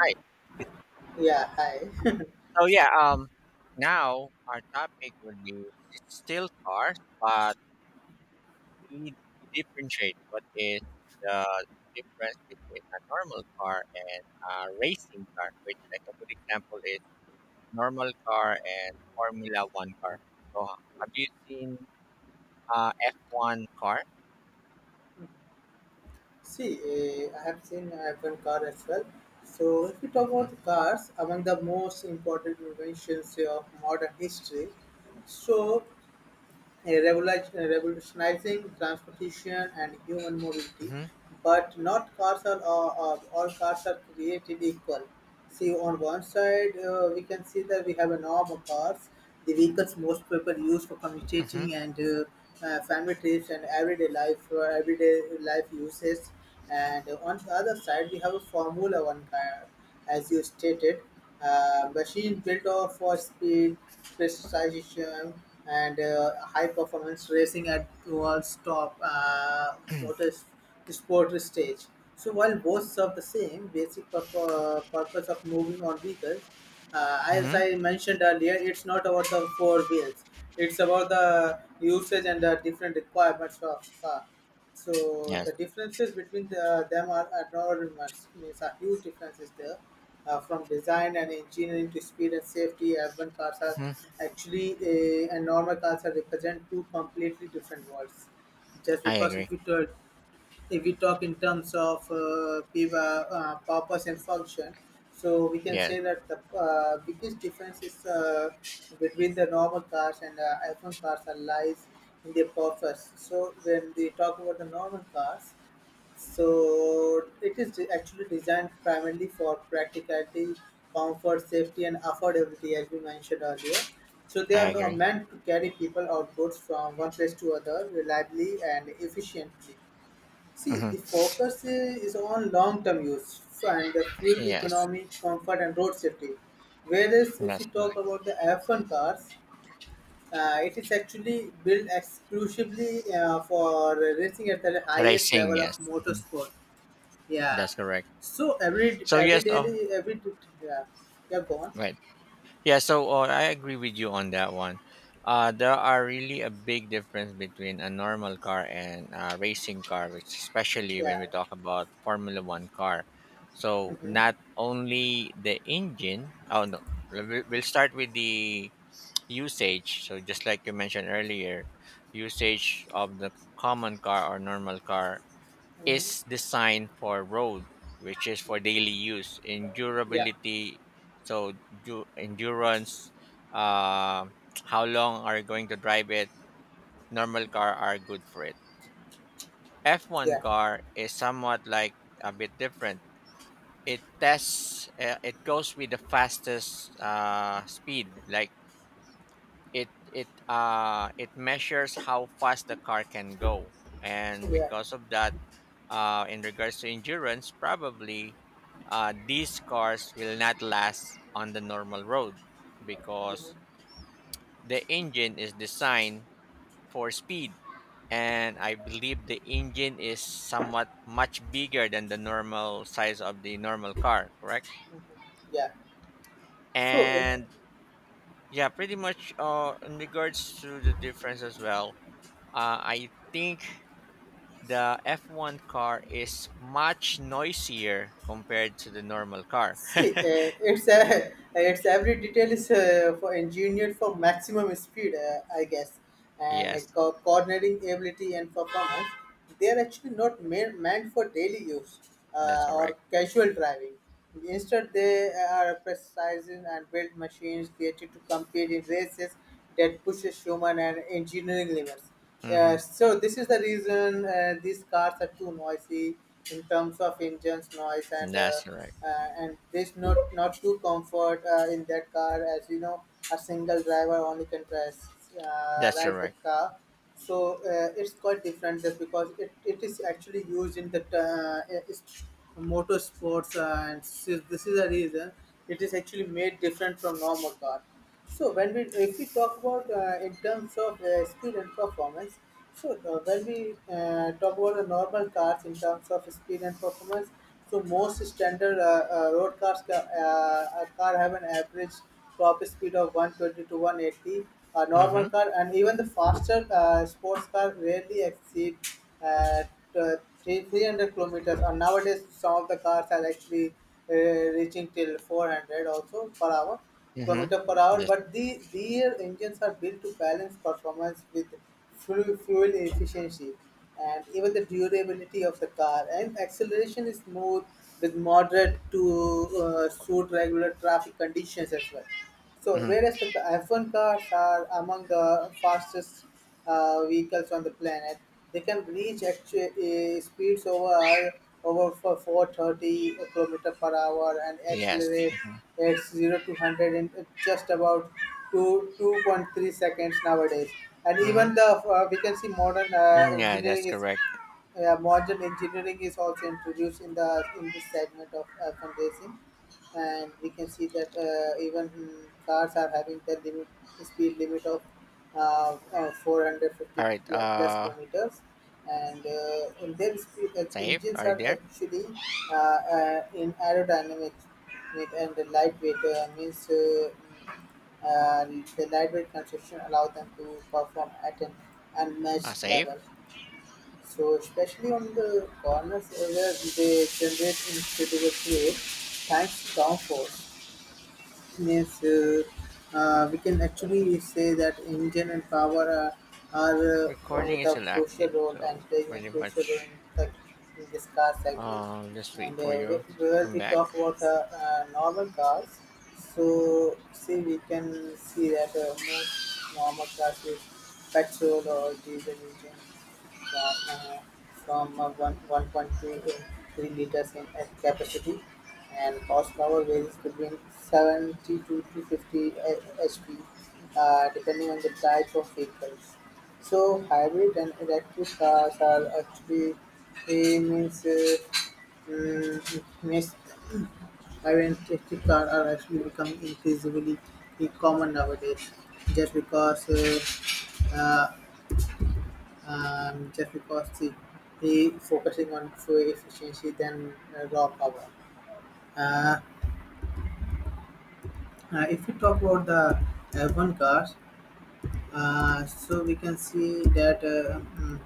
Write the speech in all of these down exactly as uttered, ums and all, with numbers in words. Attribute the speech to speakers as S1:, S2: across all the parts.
S1: Right.
S2: Yeah, hi.
S1: So yeah, um, Now our topic will be s- still cars, but we, we differentiate what is the difference between a normal car and a racing car, which like a good example is normal car and Formula One car. So have you seen uh F one car?
S2: See, uh, I have seen F one car as well. So, if we talk
S1: Mm-hmm.
S2: about the cars, among the most important inventions of modern history, so revolutionize- revolutionizing transportation and human mobility, but not cars are all, all all cars are created equal. See, on one side, uh, we can see that we have a norm of cars, the vehicles most people use for
S1: Mm-hmm.
S2: commuting and uh, uh, family trips and everyday life, for everyday life uses. And on the other side, we have a Formula One car, as you stated, uh, machine built off for speed, precision, and uh, high performance racing at world's top uh, motor sport stage. So while both serve the same basic purpo- purpose of moving on vehicles, uh, as
S1: Mm-hmm.
S2: I mentioned earlier, it's not about the four wheels. It's about the usage and the different requirements of car. So
S1: Yes,
S2: the differences between the, them are enormous. Means a huge difference is there, uh, from design and engineering to speed and safety. F one cars are
S1: hmm,
S2: actually a, and normal cars are represent two completely different worlds. Just
S1: I
S2: because
S1: agree.
S2: if you tell if we talk in terms of uh, P I V A, uh, purpose and function, so we can
S1: Yes,
S2: say that the uh, biggest difference is uh, between the normal cars and uh, iPhone cars are lies in their purpose. So when they talk about the normal cars, so it is de- actually designed primarily for practicality, comfort, safety, and affordability, as we mentioned earlier. So they
S1: I
S2: are no,
S1: agree.
S2: meant to carry people or goods from one place to other reliably and efficiently. See,
S1: Mm-hmm.
S2: the focus is on long-term use and the fuel
S1: Yes,
S2: economy, comfort, and road safety. Whereas, if
S1: that's
S2: we talk
S1: correct.
S2: about the F one cars, uh, it is actually built exclusively uh, for racing at the highest
S1: Racing,
S2: level
S1: yes.
S2: of
S1: Mhm,
S2: motorsport. Yeah.
S1: that's correct.
S2: So every
S1: So
S2: every
S1: yes. Oh
S2: daily every Yeah, yeah, go on.
S1: right, yeah. So uh, I agree with you on that one. Uh, there are really a big difference between a normal car and a racing car, which especially when
S2: Yeah.
S1: we talk about Formula One car. So not
S2: Mm-hmm,
S1: only the engine. Oh no, we- we'll start with the usage. So just like you mentioned earlier, usage of the common car or normal car is
S2: mm-hmm.
S1: designed for road, which is for daily use.
S2: Yeah,
S1: Endurability, so du- endurance, uh, how long are you going to drive it? Normal car are good for it. F one
S2: yeah.
S1: car is somewhat like a bit different. It tests, uh, it goes with the fastest uh, speed. Like it, it, uh, it measures how fast the car can go,
S2: So
S1: and
S2: yeah.
S1: because of that, Uh, in regards to endurance, probably uh, these cars will not last on the normal road because
S2: Mm-hmm.
S1: the engine is designed for speed. And I believe the engine is somewhat much bigger than the normal size of the normal car, correct?
S2: Yeah. so it
S1: And yeah, pretty much uh, in regards to the difference as well, uh, I think the F one car is much noisier compared to the normal car.
S2: See, uh, it's a, it's every detail is uh, for engineered for maximum speed, uh, I guess, and uh,
S1: Yes.
S2: co- coordinating ability and performance. They are actually not made, meant for daily use
S1: That's
S2: uh, or
S1: correct.
S2: casual driving. Instead, they are precise and built machines created to compete in races that pushes human and engineering limits.
S1: Mm-hmm.
S2: Yeah, so this is the reason uh, these cars are too noisy in terms of engines noise and uh,
S1: That's correct.
S2: uh, and there's not not too comfort uh, in that car, as you know, a single driver only can press uh,
S1: That's
S2: ride the
S1: correct.
S2: car. So uh, it's quite different just because it, it is actually used in the uh, it's motorsports, uh, and so this is the reason it is actually made different from normal car. So when we, if we talk about uh, in terms of uh, speed and performance, so uh, when we uh, talk about the normal cars in terms of speed and performance, so most standard uh, uh, road cars ca- uh, a car have an average top speed of one twenty to one eighty. A
S1: Mm-hmm.
S2: normal car and even the faster uh, sports car rarely exceed uh, t- three- 300 kilometers. And nowadays, some of the cars are actually uh, reaching till four hundred also per hour.
S1: Mm-hmm.
S2: Kilometer per hour,
S1: That's,
S2: but the, their engines are built to balance performance with fuel, fuel efficiency and even the durability of the car. And acceleration is smooth with moderate to uh, suit regular traffic conditions as well. So,
S1: mm-hmm.
S2: whereas the F one cars are among the fastest uh, vehicles on the planet, they can reach actu- uh, speeds over over for four thirty kilometer per hour and
S1: Yes.
S2: accelerate at zero to one hundred in just about two two point three seconds nowadays. And
S1: Mm-hmm.
S2: even the uh, we can see modern uh,
S1: Mm, yeah, that's
S2: engineering is,
S1: correct.
S2: yeah, modern engineering is also introduced in the in this segment of uh, fundraising, and we can see that uh, even mm, cars are having the limit speed limit of uh, uh,
S1: All
S2: four hundred fifty
S1: right.
S2: pl- plus
S1: Uh,
S2: kilometers, and, uh, and their speed, uh,
S1: save.
S2: engines
S1: Are you
S2: are
S1: there?
S2: actually uh, uh, in aerodynamic weight and the lightweight uh, means uh, mm, uh, the lightweight construction allow them to perform at an
S1: Uh,
S2: unmatched
S1: save.
S2: level, so especially on the corners uh, where they generate incredible play thanks to downforce. Yes, uh, uh, we can actually say that engine and power are, are uh,
S1: Recording is
S2: the
S1: still
S2: crucial
S1: active,
S2: role
S1: so
S2: and playing a
S1: pretty
S2: crucial role
S1: much.
S2: in, the, in this car segment.
S1: Um, just
S2: And
S1: wait for
S2: uh,
S1: your
S2: wh- where we
S1: comeback.
S2: talk about uh, uh, normal cars, so see we can see that uh, most normal cars use petrol or diesel engines from uh, from uh, one- 1.2 uh, three liters in uh, capacity and horsepower varies between seventy-two to fifty h- hp, uh, depending on the type of vehicles. So hybrid and electric cars are actually eh, means uh, mm, means hybrid and electric cars are actually becoming increasingly common nowadays, just because uh, uh, um, just because the, the focusing on fuel efficiency than uh, raw power. Uh, Uh, if we talk about the F one cars, uh, so we can see that uh, mm,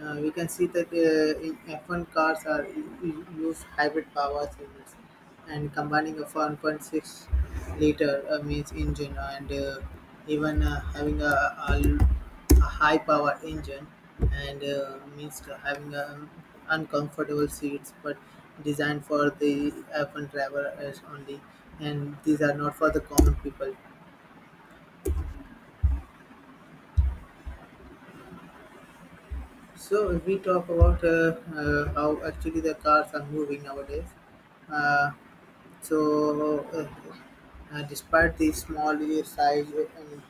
S2: uh, we can see that uh, in F one cars are u- u- use hybrid power units and combining of one point six liter uh, means engine and uh, even uh, having a, a, a high power engine and uh, means to having a uncomfortable seats but designed for the F one driver as only, and these are not for the common people. So if we talk about uh, uh, how actually the cars are moving nowadays, uh, so uh, uh, despite the small size, uh, and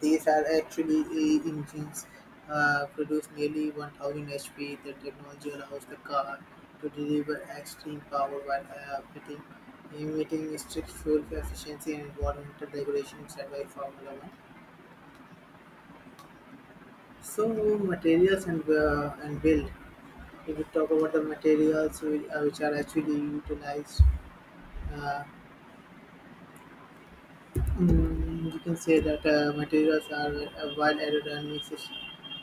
S2: these are actually uh, engines uh, produce nearly one thousand H P. The technology allows the car to deliver extreme power while uh, fitting, emitting strict fuel efficiency and environmental regulations set by Formula One. So materials and uh, and build. If we will talk about the materials whi- uh, which are actually utilized. Uh, mm, you can say that uh, materials are uh, while aerodynamics is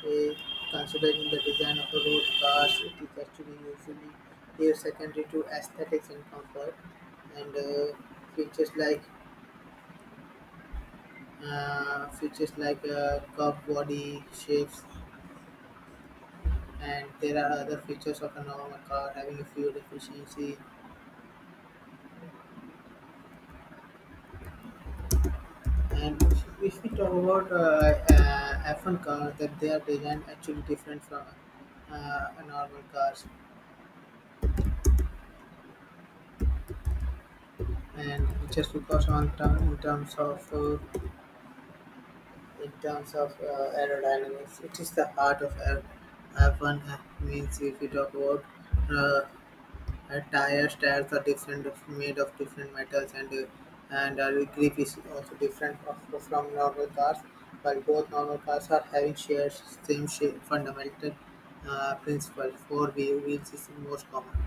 S2: uh, considered in the design of the road cars, it is actually usually here secondary to aesthetics and comfort, and uh, features like uh, features like uh, curved body shapes, and there are other features of a normal car having a fuel efficiency. And if, we talk about uh, uh, F one cars, that they are designed actually different from uh, normal cars, and just because on term, in terms of uh, in terms of uh, aerodynamics, it is the heart of F- one. Means if we talk about uh, Uh, tire tires are different, of- made of different metals, and uh, and uh, grip is also different of, from normal cars. While both normal cars are having shares same shape, fundamental uh, principle. Four wheel wheels is most common.